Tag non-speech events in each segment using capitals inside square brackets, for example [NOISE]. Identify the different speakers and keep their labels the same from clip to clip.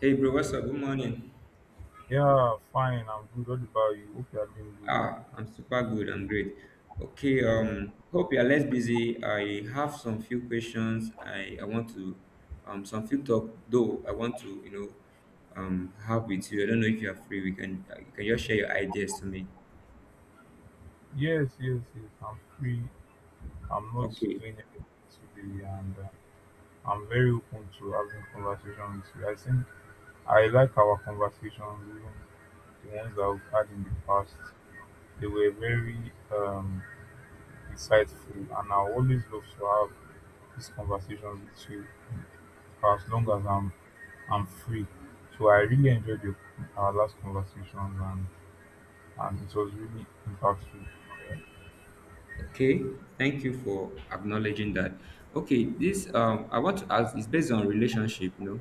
Speaker 1: Hey bro, what's up? Good morning.
Speaker 2: Yeah, fine. I'm good. What about you? Hope you are doing good.
Speaker 1: Ah, I'm super good. I'm great. Okay,
Speaker 2: Yeah.
Speaker 1: um, hope you're less busy. I have some few questions. I want to some few talk though. I want to you know have with you. I don't know if you are free. We can you can just share your ideas to me.
Speaker 2: Yes, yes, yes. I'm free. I'm not
Speaker 1: Okay.
Speaker 2: doing anything today, and I'm very open to having conversations with you. I think I like our conversations, even the ones that we've had in the past. They were very insightful, and I always love to have these conversations with you for as long as I'm free. So I really enjoyed our last conversations, and it was really impactful.
Speaker 1: Okay. Thank you for acknowledging that. Okay, this I want to ask is based on relationship. You know,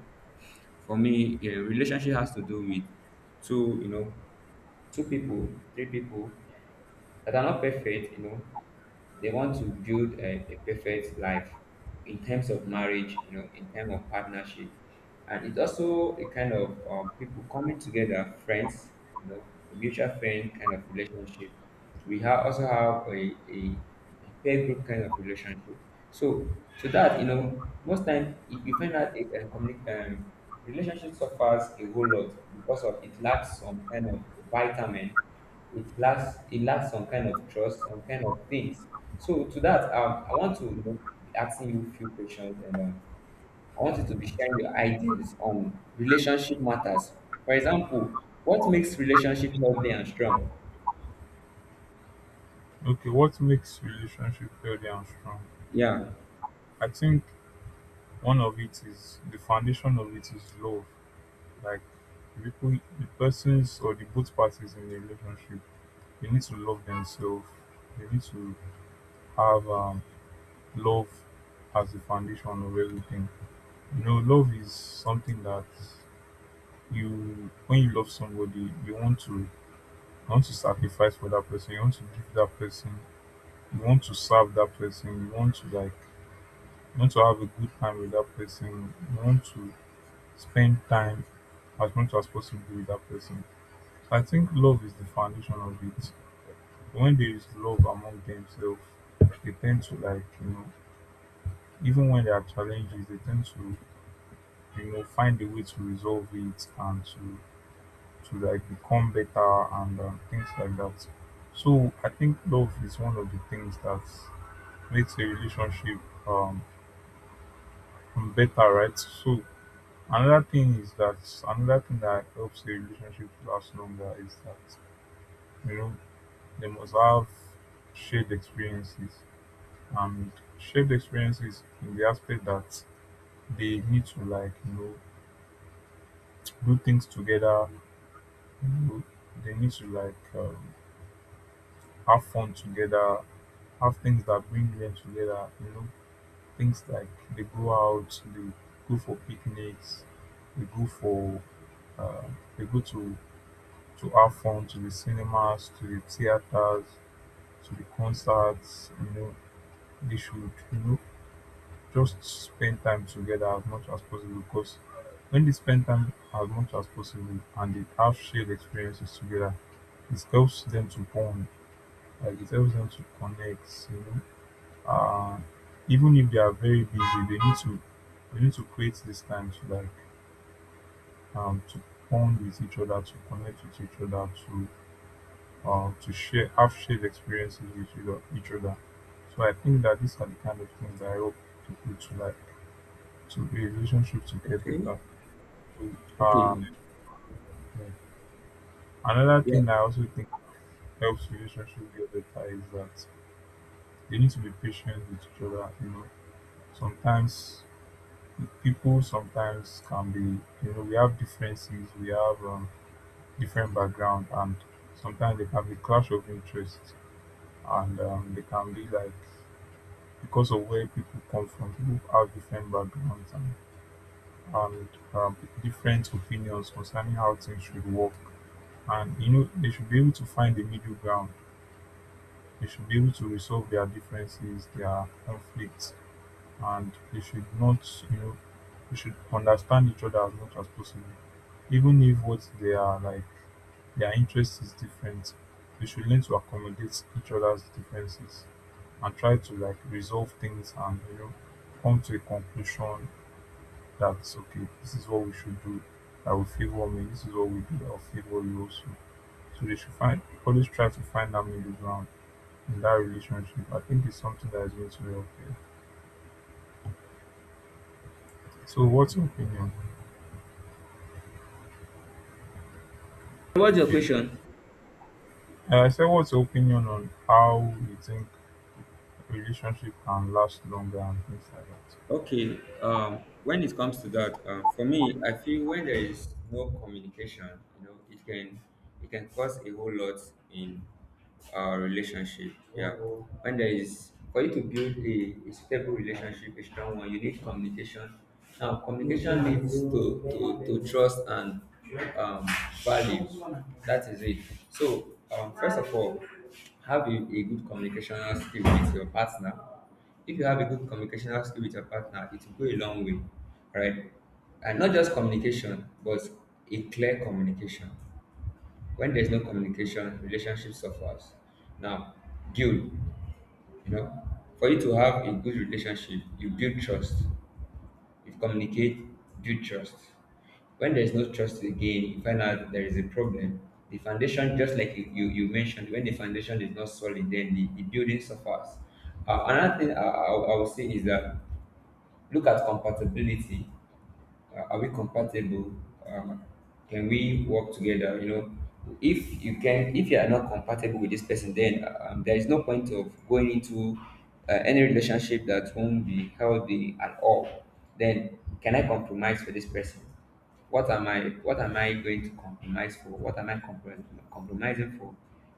Speaker 1: for me, yeah, relationship has to do with two, you know, two people, three people that are not perfect, you know, they want to build a perfect life in terms of marriage, you know, in terms of partnership, and it's also a kind of people coming together, friends, you know, a mutual friend kind of relationship. We have also have a peer group kind of relationship. So, so that you know, most time, you find out a community relationship suffers a whole lot because of it lacks some kind of vitamin, it lacks some kind of trust, some kind of things. So, to that, I want to, you know, be asking you a few questions, and I want you to be sharing your ideas on relationship matters. For example, what makes relationship healthy and strong?
Speaker 2: Okay, what makes relationship healthy and strong?
Speaker 1: Yeah.
Speaker 2: I think one of it is the foundation of it is love. Like the people, the persons or the both parties in the relationship, they need to love themselves. They need to have love as the foundation of everything. You know, love is something that when you love somebody, you want to sacrifice for that person. You want to serve that person you want to have a good time with that person you want to spend time as much as possible with that person. So I think love is the foundation of it. When there is love among themselves, they tend to, like, you know, even when there are challenges, they tend to, you know, find a way to resolve it and to like become better, and things like that. So I think love is one of the things that makes a relationship um better, right? So another thing is that another thing that helps a relationship to last longer is that, you know, they must have shared experiences, and shared experiences in the aspect that they need to, like, you know, do things together. You know, they need to like have fun together, have things that bring them together. You know, things like they go out, they go for picnics, they go for uh, they go to have fun, to the cinemas, to the theaters, to the concerts. You know, they should, you know, just spend time together as much as possible, because when they spend time as much as possible and they have shared experiences together, it helps them to bond, like it helps them to connect, you know. Uh, even if they are very busy, they need to create this time to like to bond with each other, to connect with each other, to share, have shared experiences with each other. So I think that these are the kind of things that I hope people to like to a relationship to get
Speaker 1: Okay.
Speaker 2: better. So,
Speaker 1: Okay.
Speaker 2: Um, yeah. Another
Speaker 1: Yeah.
Speaker 2: thing I also think helps relationship get better is that they need to be patient with each other. You know, sometimes people sometimes can be, you know, we have differences, we have different background, and sometimes they can be clash of interests, and they can be like because of where people come from. People have different backgrounds, and um, different opinions concerning how things should work. And you know, they should be able to find the middle ground. They should be able to resolve their differences, their conflicts, and they should not, you know, they should understand each other as much as possible. Even if what they are like, their interest is different, they should learn to accommodate each other's differences and try to like resolve things and, you know, come to a conclusion that's okay, this is what we should do. I will favor me, this is what we do, I'll favor you also. So they should find always try to find that middle ground in that relationship. I think it's something that is going to help you. So what's your opinion?
Speaker 1: What's your
Speaker 2: Okay.
Speaker 1: question?
Speaker 2: I said what's your opinion on how you think relationship can last longer and things like that.
Speaker 1: Okay, when it comes to that, for me, I feel when there is no communication, you know, it can, it can cause a whole lot in our relationship. Yeah, when there is for you to build a stable relationship, a strong one, you need communication. Now, communication leads to to trust and um, value. That is it. So, first of all, have a good communicational skill with your partner. If you have a good communicational skill with your partner, it will go a long way, right? And not just communication, but a clear communication. When there's no communication, relationship suffers. Now, guilt, you know, for you to have a good relationship, you build trust. If communicate, build trust. When there is no trust again, you find out there is a problem. The foundation, just like you mentioned, when the foundation is not solid, then the building suffers. Another thing I will say is that look at compatibility. Are we compatible? Um, can we work together? You know, if you can, if you are not compatible with this person then there is no point of going into any relationship that won't be healthy at all. Then can I compromise for this person? What am I what am I going to compromise for what am I comprom- compromising for?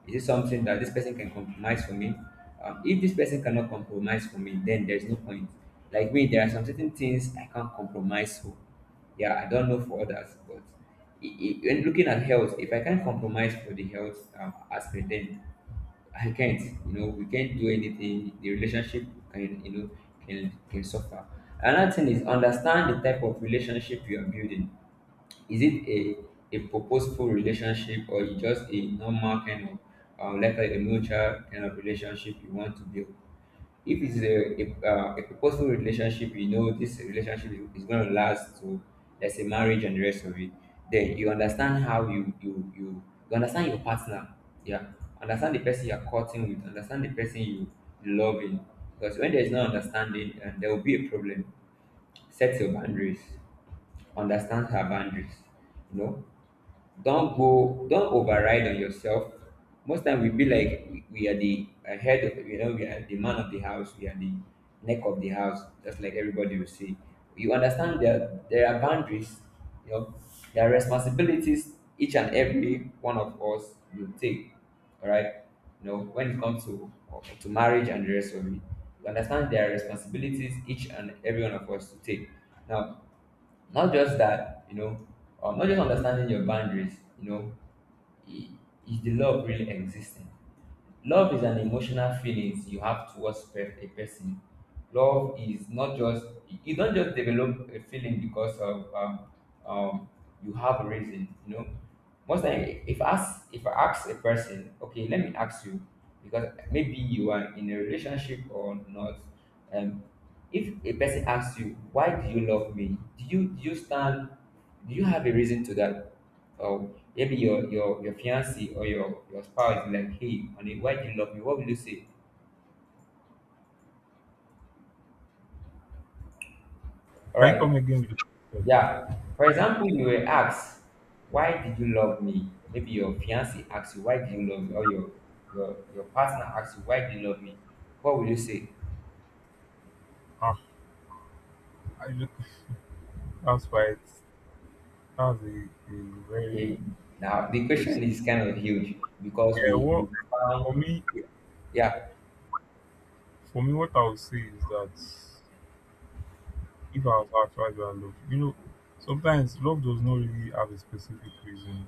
Speaker 1: Is it something that this person can compromise for me? Um, if this person cannot compromise for me, then there's no point. Like me, there are some certain things I can't compromise for. Yeah, I don't know for others, but when looking at health, if I can't compromise for the health aspect, then I can't, you know, we can't do anything. The relationship can, you know, can suffer. Another thing is understand the type of relationship you are building. Is it a purposeful relationship, or is just a normal kind of, like a mutual kind of relationship you want to build? If it's a purposeful relationship, you know this relationship is going to last to, let's say, marriage and the rest of it, then you understand how you understand your partner. Yeah. Understand the person you're courting with, understand the person you loving. Because when there is no understanding, there will be a problem. Set your boundaries, understand her boundaries, you know, don't go, don't override on yourself. Most time we be like we are the head of, you know, we are the man of the house, we are the neck of the house, just like everybody will say. You understand there are boundaries, you know, there are responsibilities each and every one of us will take. All right, you know, when it comes to marriage and the rest of it, you understand there are responsibilities each and every one of us to take. Now, not just that, you know, not just understanding your boundaries, you know, i- is the love really existing? Love is an emotional feelings you have towards a person. Love is not just, you don't just develop a feeling because of um, you have a reason. You know, most time if I ask a person, okay, let me ask you, because maybe you are in a relationship or not. Um, if a person asks you, why do you love me? Do you stand? Do you have a reason to that? Or maybe your fiance or your spouse is like, hey, honey, why do you love me? What will you say? All
Speaker 2: Can you come
Speaker 1: right,
Speaker 2: again with the
Speaker 1: yeah. For example, you were asked, why did you love me? Maybe your fiance asks you, why did you love me? Or your partner asks you, why do you love me? What will you say?
Speaker 2: Ah, I look that's why it's that's a very
Speaker 1: Okay. Now the question
Speaker 2: simple
Speaker 1: is kind of huge because
Speaker 2: Yeah,
Speaker 1: we,
Speaker 2: what
Speaker 1: we
Speaker 2: for
Speaker 1: found,
Speaker 2: me,
Speaker 1: yeah.
Speaker 2: for me, what I would say is that if I was actually I loved, you know, sometimes love does not really have a specific reason.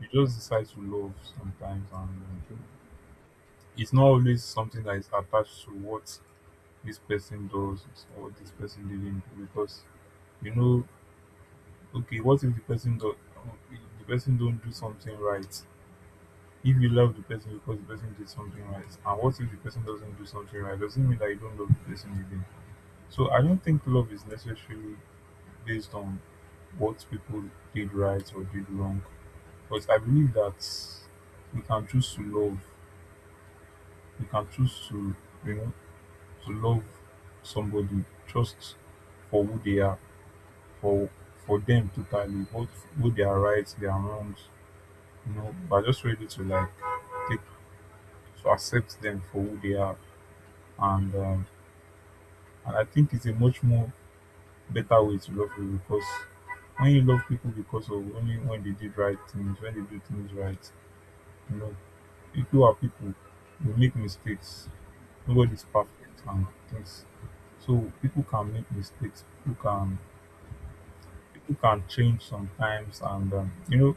Speaker 2: You just decide to love sometimes, and it's not always something that is attached to what this person does or what this person didn't do. Because you know, okay, what if the person do, if the person don't do something right? If you love the person because the person did something right, and what if the person doesn't do something right? Doesn't mean that you don't love the person again. So I don't think love is necessarily based on what people did right or did wrong. But I believe that we can choose to love. We can choose to, you know, to love somebody just for who they are, for for them totally, both who they are right, their wrongs. You know, we're just ready to like take to accept them for who they are, and um, and I think it's a much more better way to love people. Because when you love people because of only when they did right things, when they do things right, you know, people are people. We make mistakes. Nobody's perfect and things. So people can make mistakes. People can change sometimes, and you know,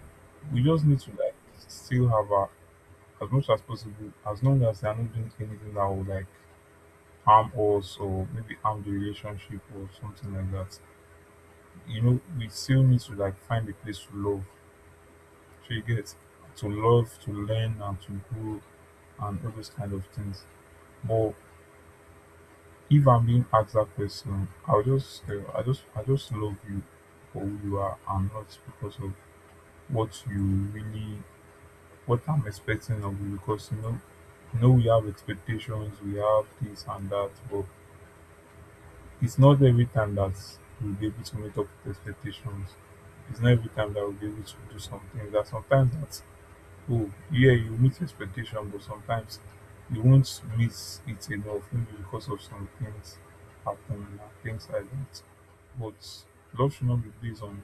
Speaker 2: we just need to like still have a as much as possible as long as they are not doing anything that will like harm us or maybe harm the relationship or something like that. You know, we still need to like find a place to love. So you get to love, to learn, and to grow, and all those kind of things. But if I'm being asked that question, I'll just, I just love you for who you are, and not because of what you really, what I'm expecting of you. Because you know, we have expectations, we have this and that, but it's not every time that we'll be able to meet up with expectations. It's not every time that we'll be able to do something. That sometimes that oh yeah you meet expectation, but sometimes you won't meet it enough maybe because of some things happen and things like that. But love should not be based on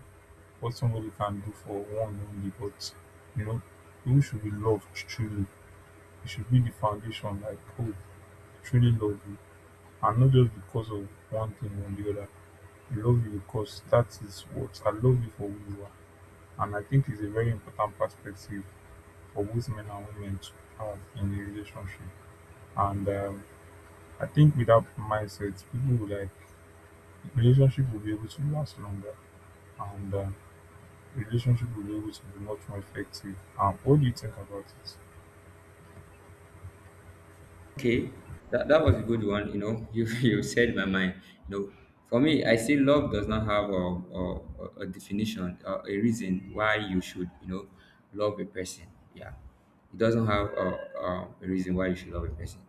Speaker 2: what somebody can do for one only, but you know, people should be loved truly. It should be the foundation like oh I truly love you, and not just because of one thing or the other. I love you because that is what I love you for who you are. And I think it's a very important perspective for both men and women to have in a relationship. And I think with that mindset, people will like relationship will be able to last longer, and relationship will be able to be much more effective. What do you think about it?
Speaker 1: Okay, that, that was a good one. You know, [LAUGHS] you said my mind. You know, for me, I see love does not have a, a definition, a reason why you should, you know, love a person. Yeah, it doesn't have a reason why you should love a person.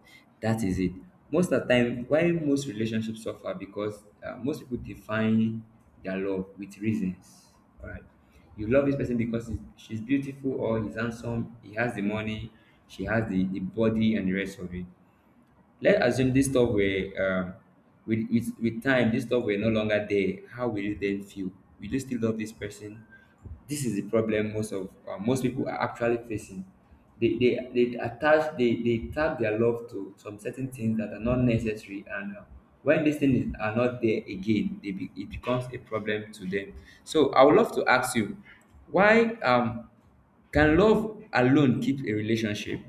Speaker 1: That is it. Most of the time, why most relationships suffer because most people define their love with reasons. All right, you love this person because she's beautiful or he's handsome, he has the money, she has the body and the rest of it. Let's assume this stuff were with, with time, this stuff were no longer there. How will you then feel? Will you still love this person? This is the problem most of most people are actually facing. They tag their love to some certain things that are not necessary, and when these things are not there again, it becomes a problem to them. So I would love to ask you, why can love alone keep a relationship?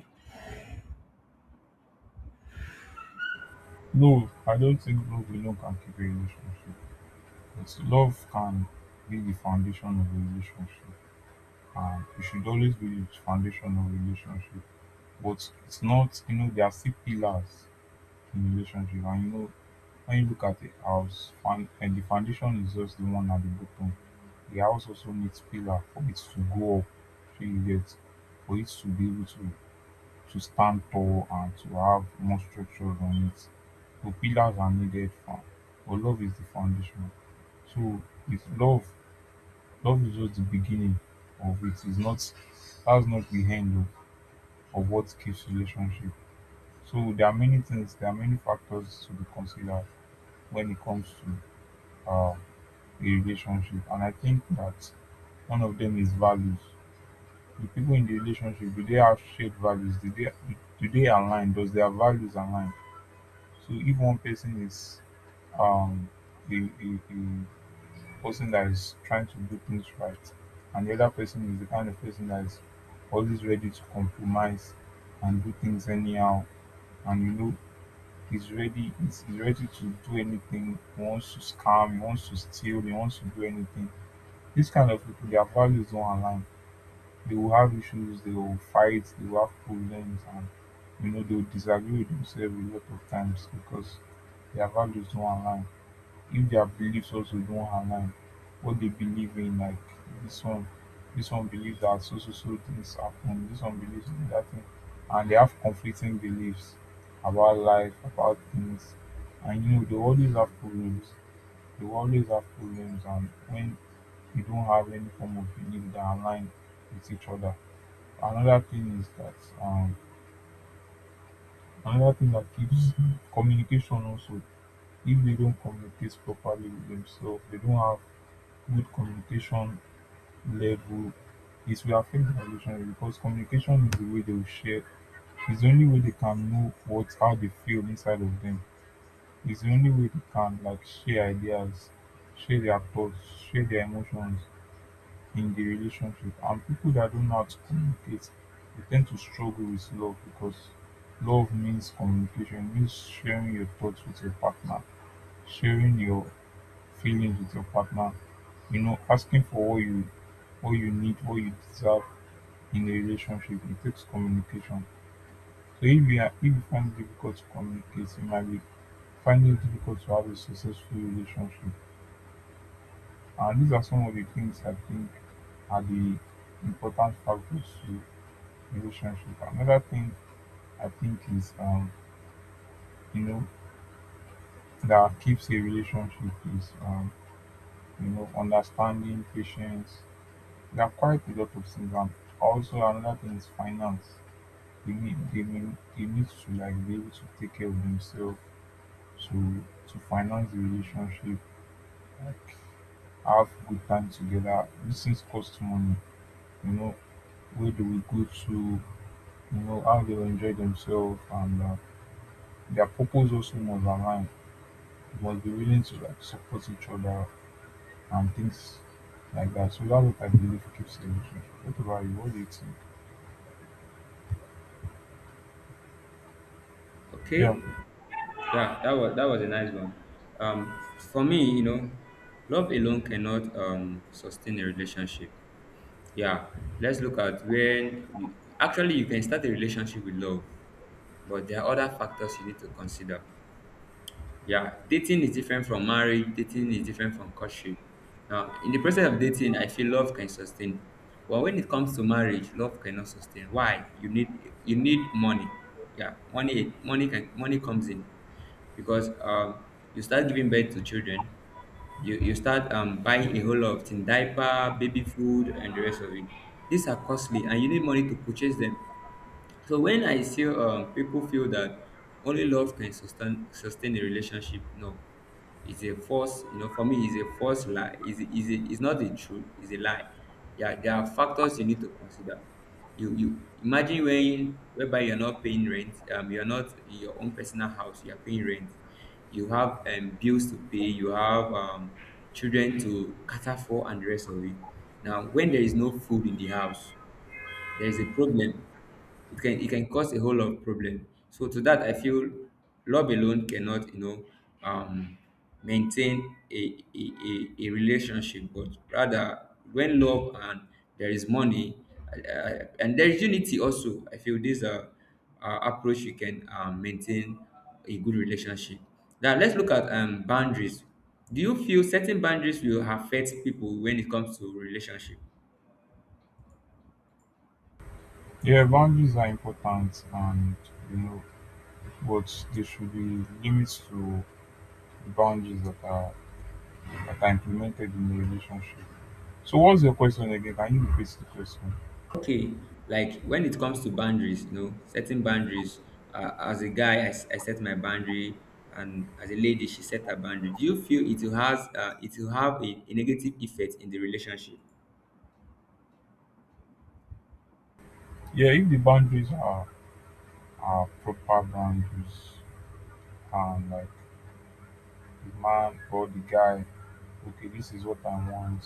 Speaker 2: No, I don't think love alone can keep a relationship. But love can be the foundation of a relationship. It should always be the foundation of a relationship. But it's not, you know, there are still pillars in relationship, and you know, when you look at a house, found and the foundation is just the one at the bottom. The house also needs pillar for it to go up, so you get for it to be able to stand tall and to have more structure on it. So pillars are needed for but love is the foundation. So it's love love is just the beginning of it. It's not that's not the end of what keeps relationship. So there are many things, there are many factors to be considered when it comes to uh a relationship, and I think that one of them is values. The people in the relationship, do they have shared values? Do they align? Does their values align? So if one person is um a, a, a person that is trying to do things right, and the other person is the kind of person that is always ready to compromise and do things anyhow, and you know he's ready to do anything, he wants to scam, he wants to steal, he wants to do anything. This kind of people, their values don't align. They will have issues, they will fight, they will have problems, and you know they will disagree with themselves a lot of times because their values don't align. If their beliefs also don't align, what they believe in, like this one, this one believes that so so so things happen, this one believes in that thing, and they have conflicting beliefs about life, about things, and you know they always have problems. You always have problems and when you don't have any form of belief that align with each other. Another thing is that um another thing that keeps communication also, if they don't communicate properly with themselves, they don't have good communication level, it will affect their relationship, because communication is the way they will share. It's the only way they can know what how they feel inside of them. It's the only way they can like share ideas, share their thoughts, share their emotions in the relationship. And people that don't know how to communicate, they tend to struggle with love, because love means communication, means sharing your thoughts with your partner, sharing your feelings with your partner, you know, asking for what you need, what you deserve in a relationship. It takes communication. So if you are if you find it difficult to communicate, you might be finding it difficult to have a successful relationship. And these are some of the things I think are the important factors to relationship. Another thing I think is you know, that keeps a relationship is you know, understanding, patience. There are quite a lot of things. And also another thing is finance. They need they need to like be able to take care of themselves, to finance the relationship, like have good time together. These things cost money. You know, where do we go to? You know, how they will enjoy themselves. And their purpose also must align, must be willing to like support each other and things like that. So that's what I believe keeps a relationship. What about you? What do you think?
Speaker 1: Okay.
Speaker 2: Yeah,
Speaker 1: Yeah, that was a nice one. Um, for me, you know, love alone cannot sustain a relationship. Yeah, let's look at when you, actually you can start a relationship with love, but there are other factors you need to consider. Yeah, dating is different from marriage. Dating is different from courtship. Now, in the process of dating, I feel love can sustain. But when it comes to marriage, love cannot sustain. Why? You need money. Yeah, money comes in, because you start giving birth to children, you start buying a whole lot of things, diaper, baby food, and the rest of it. These are costly, and you need money to purchase them. So when I see people feel that only love can sustain a relationship, no, it's a false. You know, for me, it's a false lie. Is it's it's not the truth. It's a lie. Yeah, there are factors you need to consider. You imagine when whereby you're not paying rent. You're not in your own personal house. You're paying rent. You have bills to pay. You have children to cater for and the rest of it. Now, when there is no food in the house, there is a problem. It can, it can cause a whole lot of problem. So to that, I feel love alone cannot, you know, um, maintain a relationship, but rather when love and there is money, and there is unity also. I feel this approach you can maintain a good relationship. Now let's look at boundaries. Do you feel certain boundaries will affect people when it comes to relationship?
Speaker 2: yeah, boundaries are important, and you know, but there should be limits to the boundaries that are implemented in the relationship. So, what's your question again? Can you repeat the question?
Speaker 1: Okay, like when it comes to boundaries, you know, setting boundaries. As a guy, I set my boundary, and as a lady, she set her boundary. Do you feel it will has it will have a negative effect in the relationship?
Speaker 2: Yeah, if the boundaries are proper boundaries, and like the man or the guy, okay, this is what I want,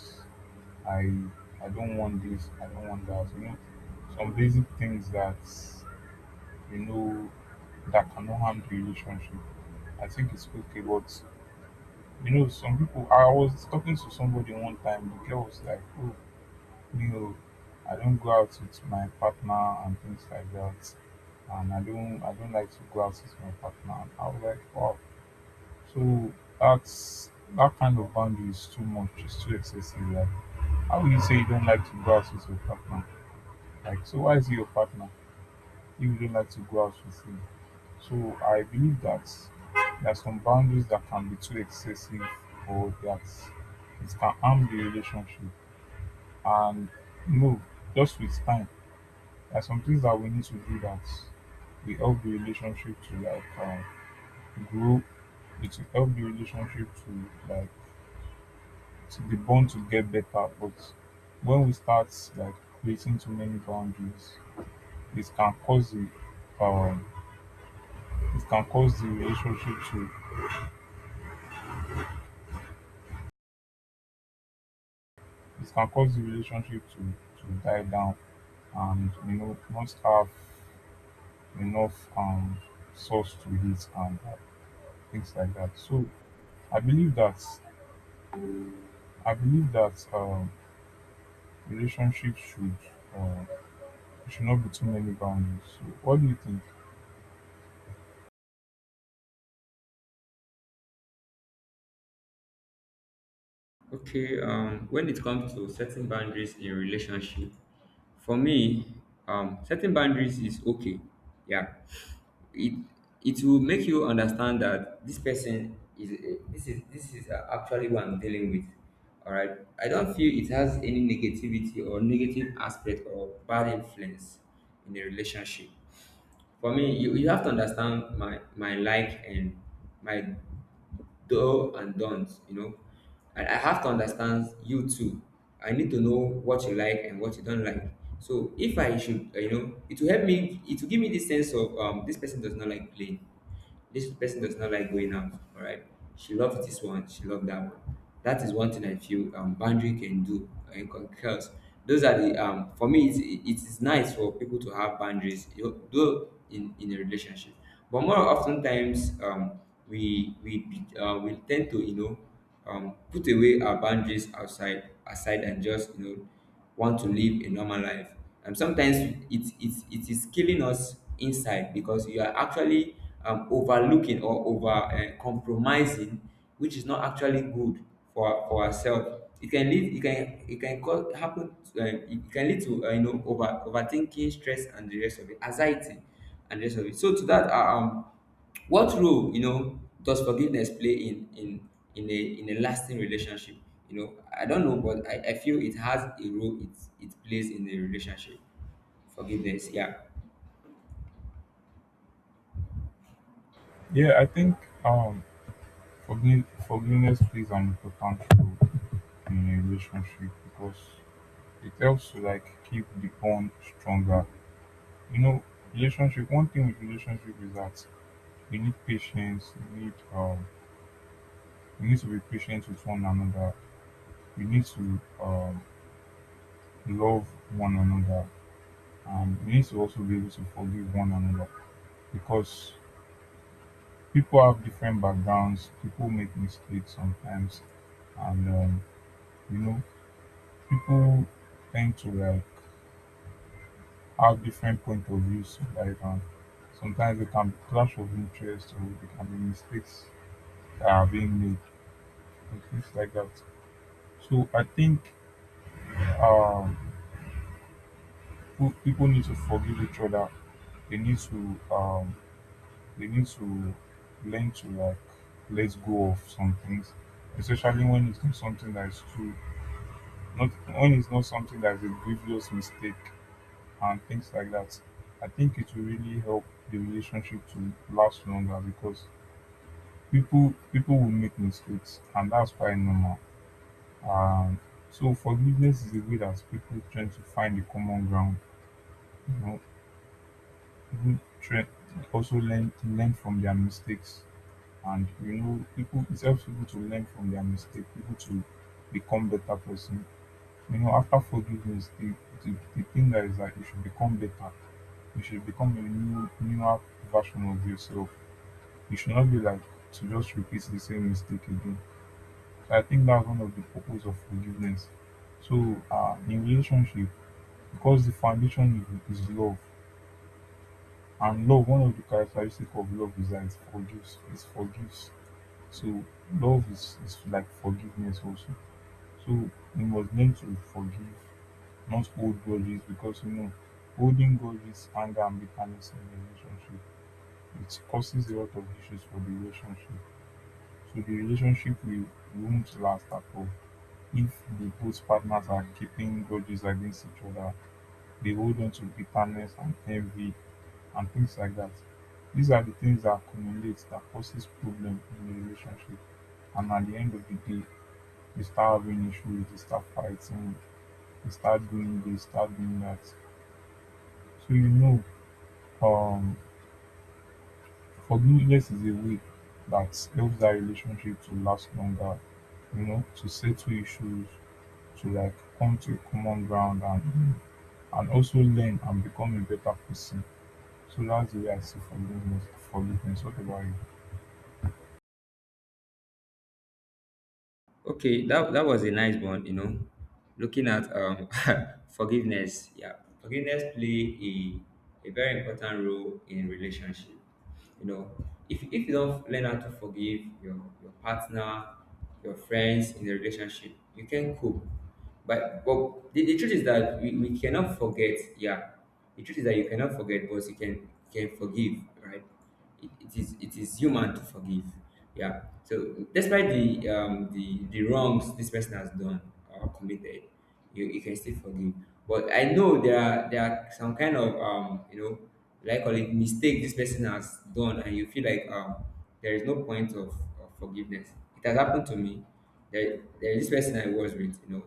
Speaker 2: I I don't want this, I don't want that. You know, some basic things that you know, that cannot harm the relationship. I think it's okay, but you know, some people. I was talking to somebody one time. The girl was like, "Oh, you know, I don't go out with my partner and things like that, and I don't like to go out with my partner." And I was like, "Wow." So that's that kind of boundary is too much. It's too excessive. Like, how will you say you don't like to go out with your partner? Like, so why is he your partner if you don't like to go out with him? So I believe that there are some boundaries that can be too excessive, or that it can harm the relationship. And no, just with time, there are some things that we need to do that we help the relationship to like grow. It will help the relationship to like to the bond to get better. But when we start like creating too many boundaries, it can cause the um, it can cause the relationship to it can cause the relationship to to die down, and you know not have enough source to hit and things like that. So i believe that I believe that relationships uh, should not be too many boundaries. So what do you think?
Speaker 1: Okay, when it comes to setting boundaries in relationship, for me, setting boundaries is okay. Yeah, it it will make you understand that this person this is actually what I'm dealing with. All right, I don't feel it has any negativity or negative aspect or bad influence in a relationship. For me you have to understand my like and my do and don't. And I have to understand you too. I need to know what you like and what you don't like. So if I should it will help me, it will give me this sense of this person does not like playing, this person does not like going out. All right. She loved this one. She loved that one. That is one thing I feel boundary can do and concurs. Those are the for me it is nice for people to have boundaries you know, though in a relationship, but more often times we tend to put away our boundaries outside aside and just want to live a normal life. And sometimes it is killing us inside because you are actually overlooking or over compromising, which is not actually good for ourselves. It can lead, it can cause, happen, it can lead to, overthinking, stress, and the rest of it, anxiety, and the rest of it. So to that, what role does forgiveness play in a lasting relationship? I don't know, but I feel it has a role. It plays in a relationship. Forgiveness, yeah.
Speaker 2: Yeah, I think um forgiveness plays an important role in a relationship, because it helps to like keep the bond stronger. You know, relationship, one thing with relationship is that you need patience, you need to be patient with one another, you need to love one another, and you need to also be able to forgive one another. Because people have different backgrounds, people make mistakes sometimes, and you know, people tend to like have different point of views, like sometimes they can be clash of interest, or they can be mistakes that are being made and things like that. So I think um, people need to forgive each other. They need to um, they need to learn to like let go of some things, especially when it's not something that is true, not when it's not something that is a grievous mistake and things like that. I think it will really help the relationship to last longer, because people will make mistakes, and that's quite normal. Um, so forgiveness is a way that people try to find a common ground, you know, even try also learn to learn from their mistakes. And you know, people, it helps people to learn from their mistake, people to become better person. You know, after forgiveness, the thing that is that you should become better. You should become a newer version of yourself. You should not be like to just repeat the same mistake again. So I think that's one of the purpose of forgiveness. So in relationship, because the foundation is love. And love, one of the characteristics of love is that it forgives. It forgives. So love is like forgiveness also. So we must learn to forgive, not hold grudges, because you know, holding grudges, anger and bitterness in a relationship, it causes a lot of issues for the relationship. So the relationship will won't last at all. If the both partners are keeping grudges against each other, they hold on to bitterness and envy and things like that. These are the things that accumulate, that causes problem in the relationship. And at the end of the day, you start having issues, you start fighting, you start doing this, start doing that. So you know, um, forgiveness is a way that helps that relationship to last longer. You know, to settle issues, to like come to a common ground, and also learn and become a better person. So that's the way I see forgiveness. Forgiveness. What about you?
Speaker 1: Okay, that was a nice one, you know. Looking at [LAUGHS] forgiveness, yeah. Forgiveness play a very important role in relationship. You know, if you don't learn how to forgive your partner, your friends in the relationship, you can cope. But the truth is that we cannot forget, yeah. The truth is that you cannot forget, but you can forgive, right? It is human to forgive, yeah. So despite the the wrongs this person has done or committed, you can still forgive. But I know there are some kind of like call it mistake this person has done and you feel like there is no point of forgiveness. It has happened to me. There is this person I was with, you know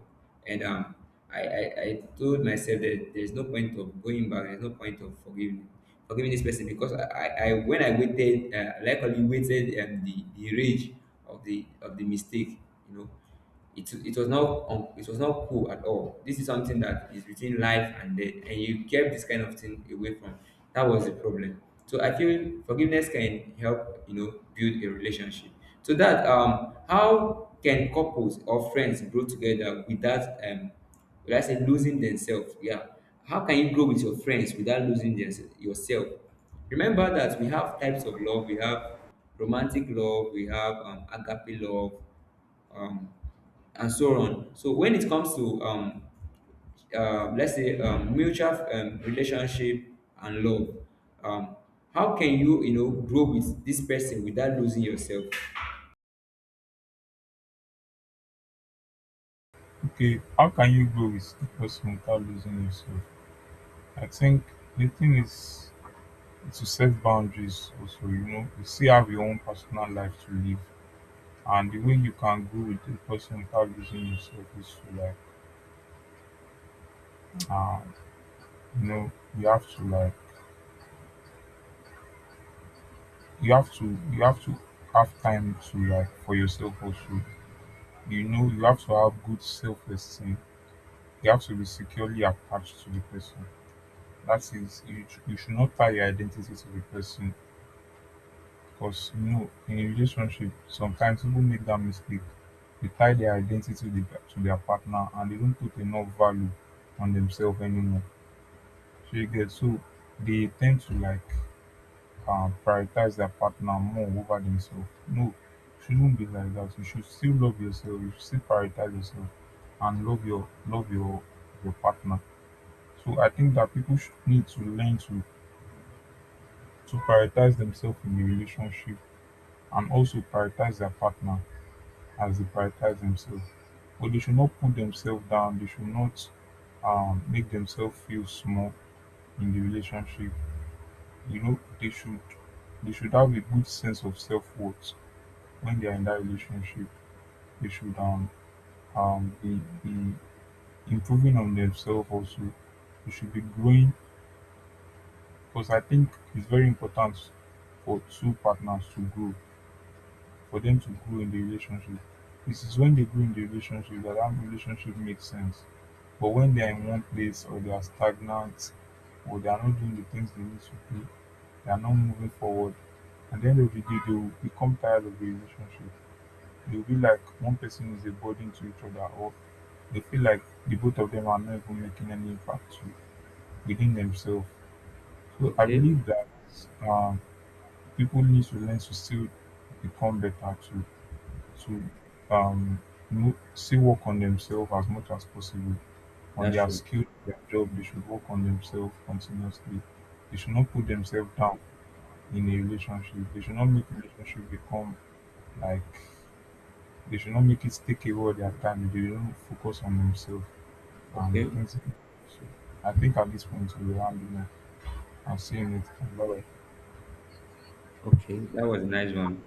Speaker 1: and I told myself that there's no point of going back, there's no point of forgiving this person. Because I when I waited, likely waited the rage of the mistake, you know, it was not it was not cool at all. This is something that is between life and death, and you kept this kind of thing away from. That was the problem. So I feel forgiveness can help you know build a relationship. So that how can couples or friends grow together without would I say losing themselves? Yeah. How can you grow with your friends without losing thems- yourself? Remember that we have types of love. We have romantic love. We have agape love, um, and so on. So when it comes to let's say mutual relationship and love, um, how can you you know grow with this person without losing yourself?
Speaker 2: Okay, how can you grow with the person without losing yourself? I think the thing is to set boundaries also, you know, you still have your own personal life to live. And the way you can grow with the person without losing yourself is to like uh you know, you have to like you have to you have to have time to like for yourself also. You know, you have to have good self esteem. You have to be securely attached to the person. That is, you you should not tie your identity to the person. Because, you know, in a relationship, sometimes people make that mistake. They tie their identity to the to their partner, and they don't put enough value on themselves anymore. So you get so they tend to like prioritize their partner more over themselves. No, shouldn't be like that. You should still love yourself. You should still prioritize yourself and love your your partner. So I think that people should need to learn to prioritize themselves in a relationship, and also prioritize their partner as they prioritize themselves. But they should not put themselves down. They should not make themselves feel small in the relationship. You know, they should have a good sense of self worth when they are in that relationship. They should um be, be improving on themselves also. They should be growing, because I think it's very important for two partners to grow, for them to grow in the relationship. This is when they grow in the relationship that that relationship makes sense. But when they're in one place, or they are stagnant, or they are not doing the things they need to do, they are not moving forward. And then at the end of the day, they will become tired of the relationship. They'll be like one person is a burden to each other, or they feel like the both of them are not even making any impact to- within themselves. So I believe that um, people need to learn to still become better to um, still work on themselves as much as possible, on their
Speaker 1: Sure.
Speaker 2: skill, their job. They should work on themselves continuously. They should not put themselves down in a relationship. They should not make relationship become like they should not make it take away all their time. They don't focus on themselves and the
Speaker 1: Okay.
Speaker 2: things. So I think at this point we will handle it. I've seen it. Bye.
Speaker 1: Okay, that was a nice one.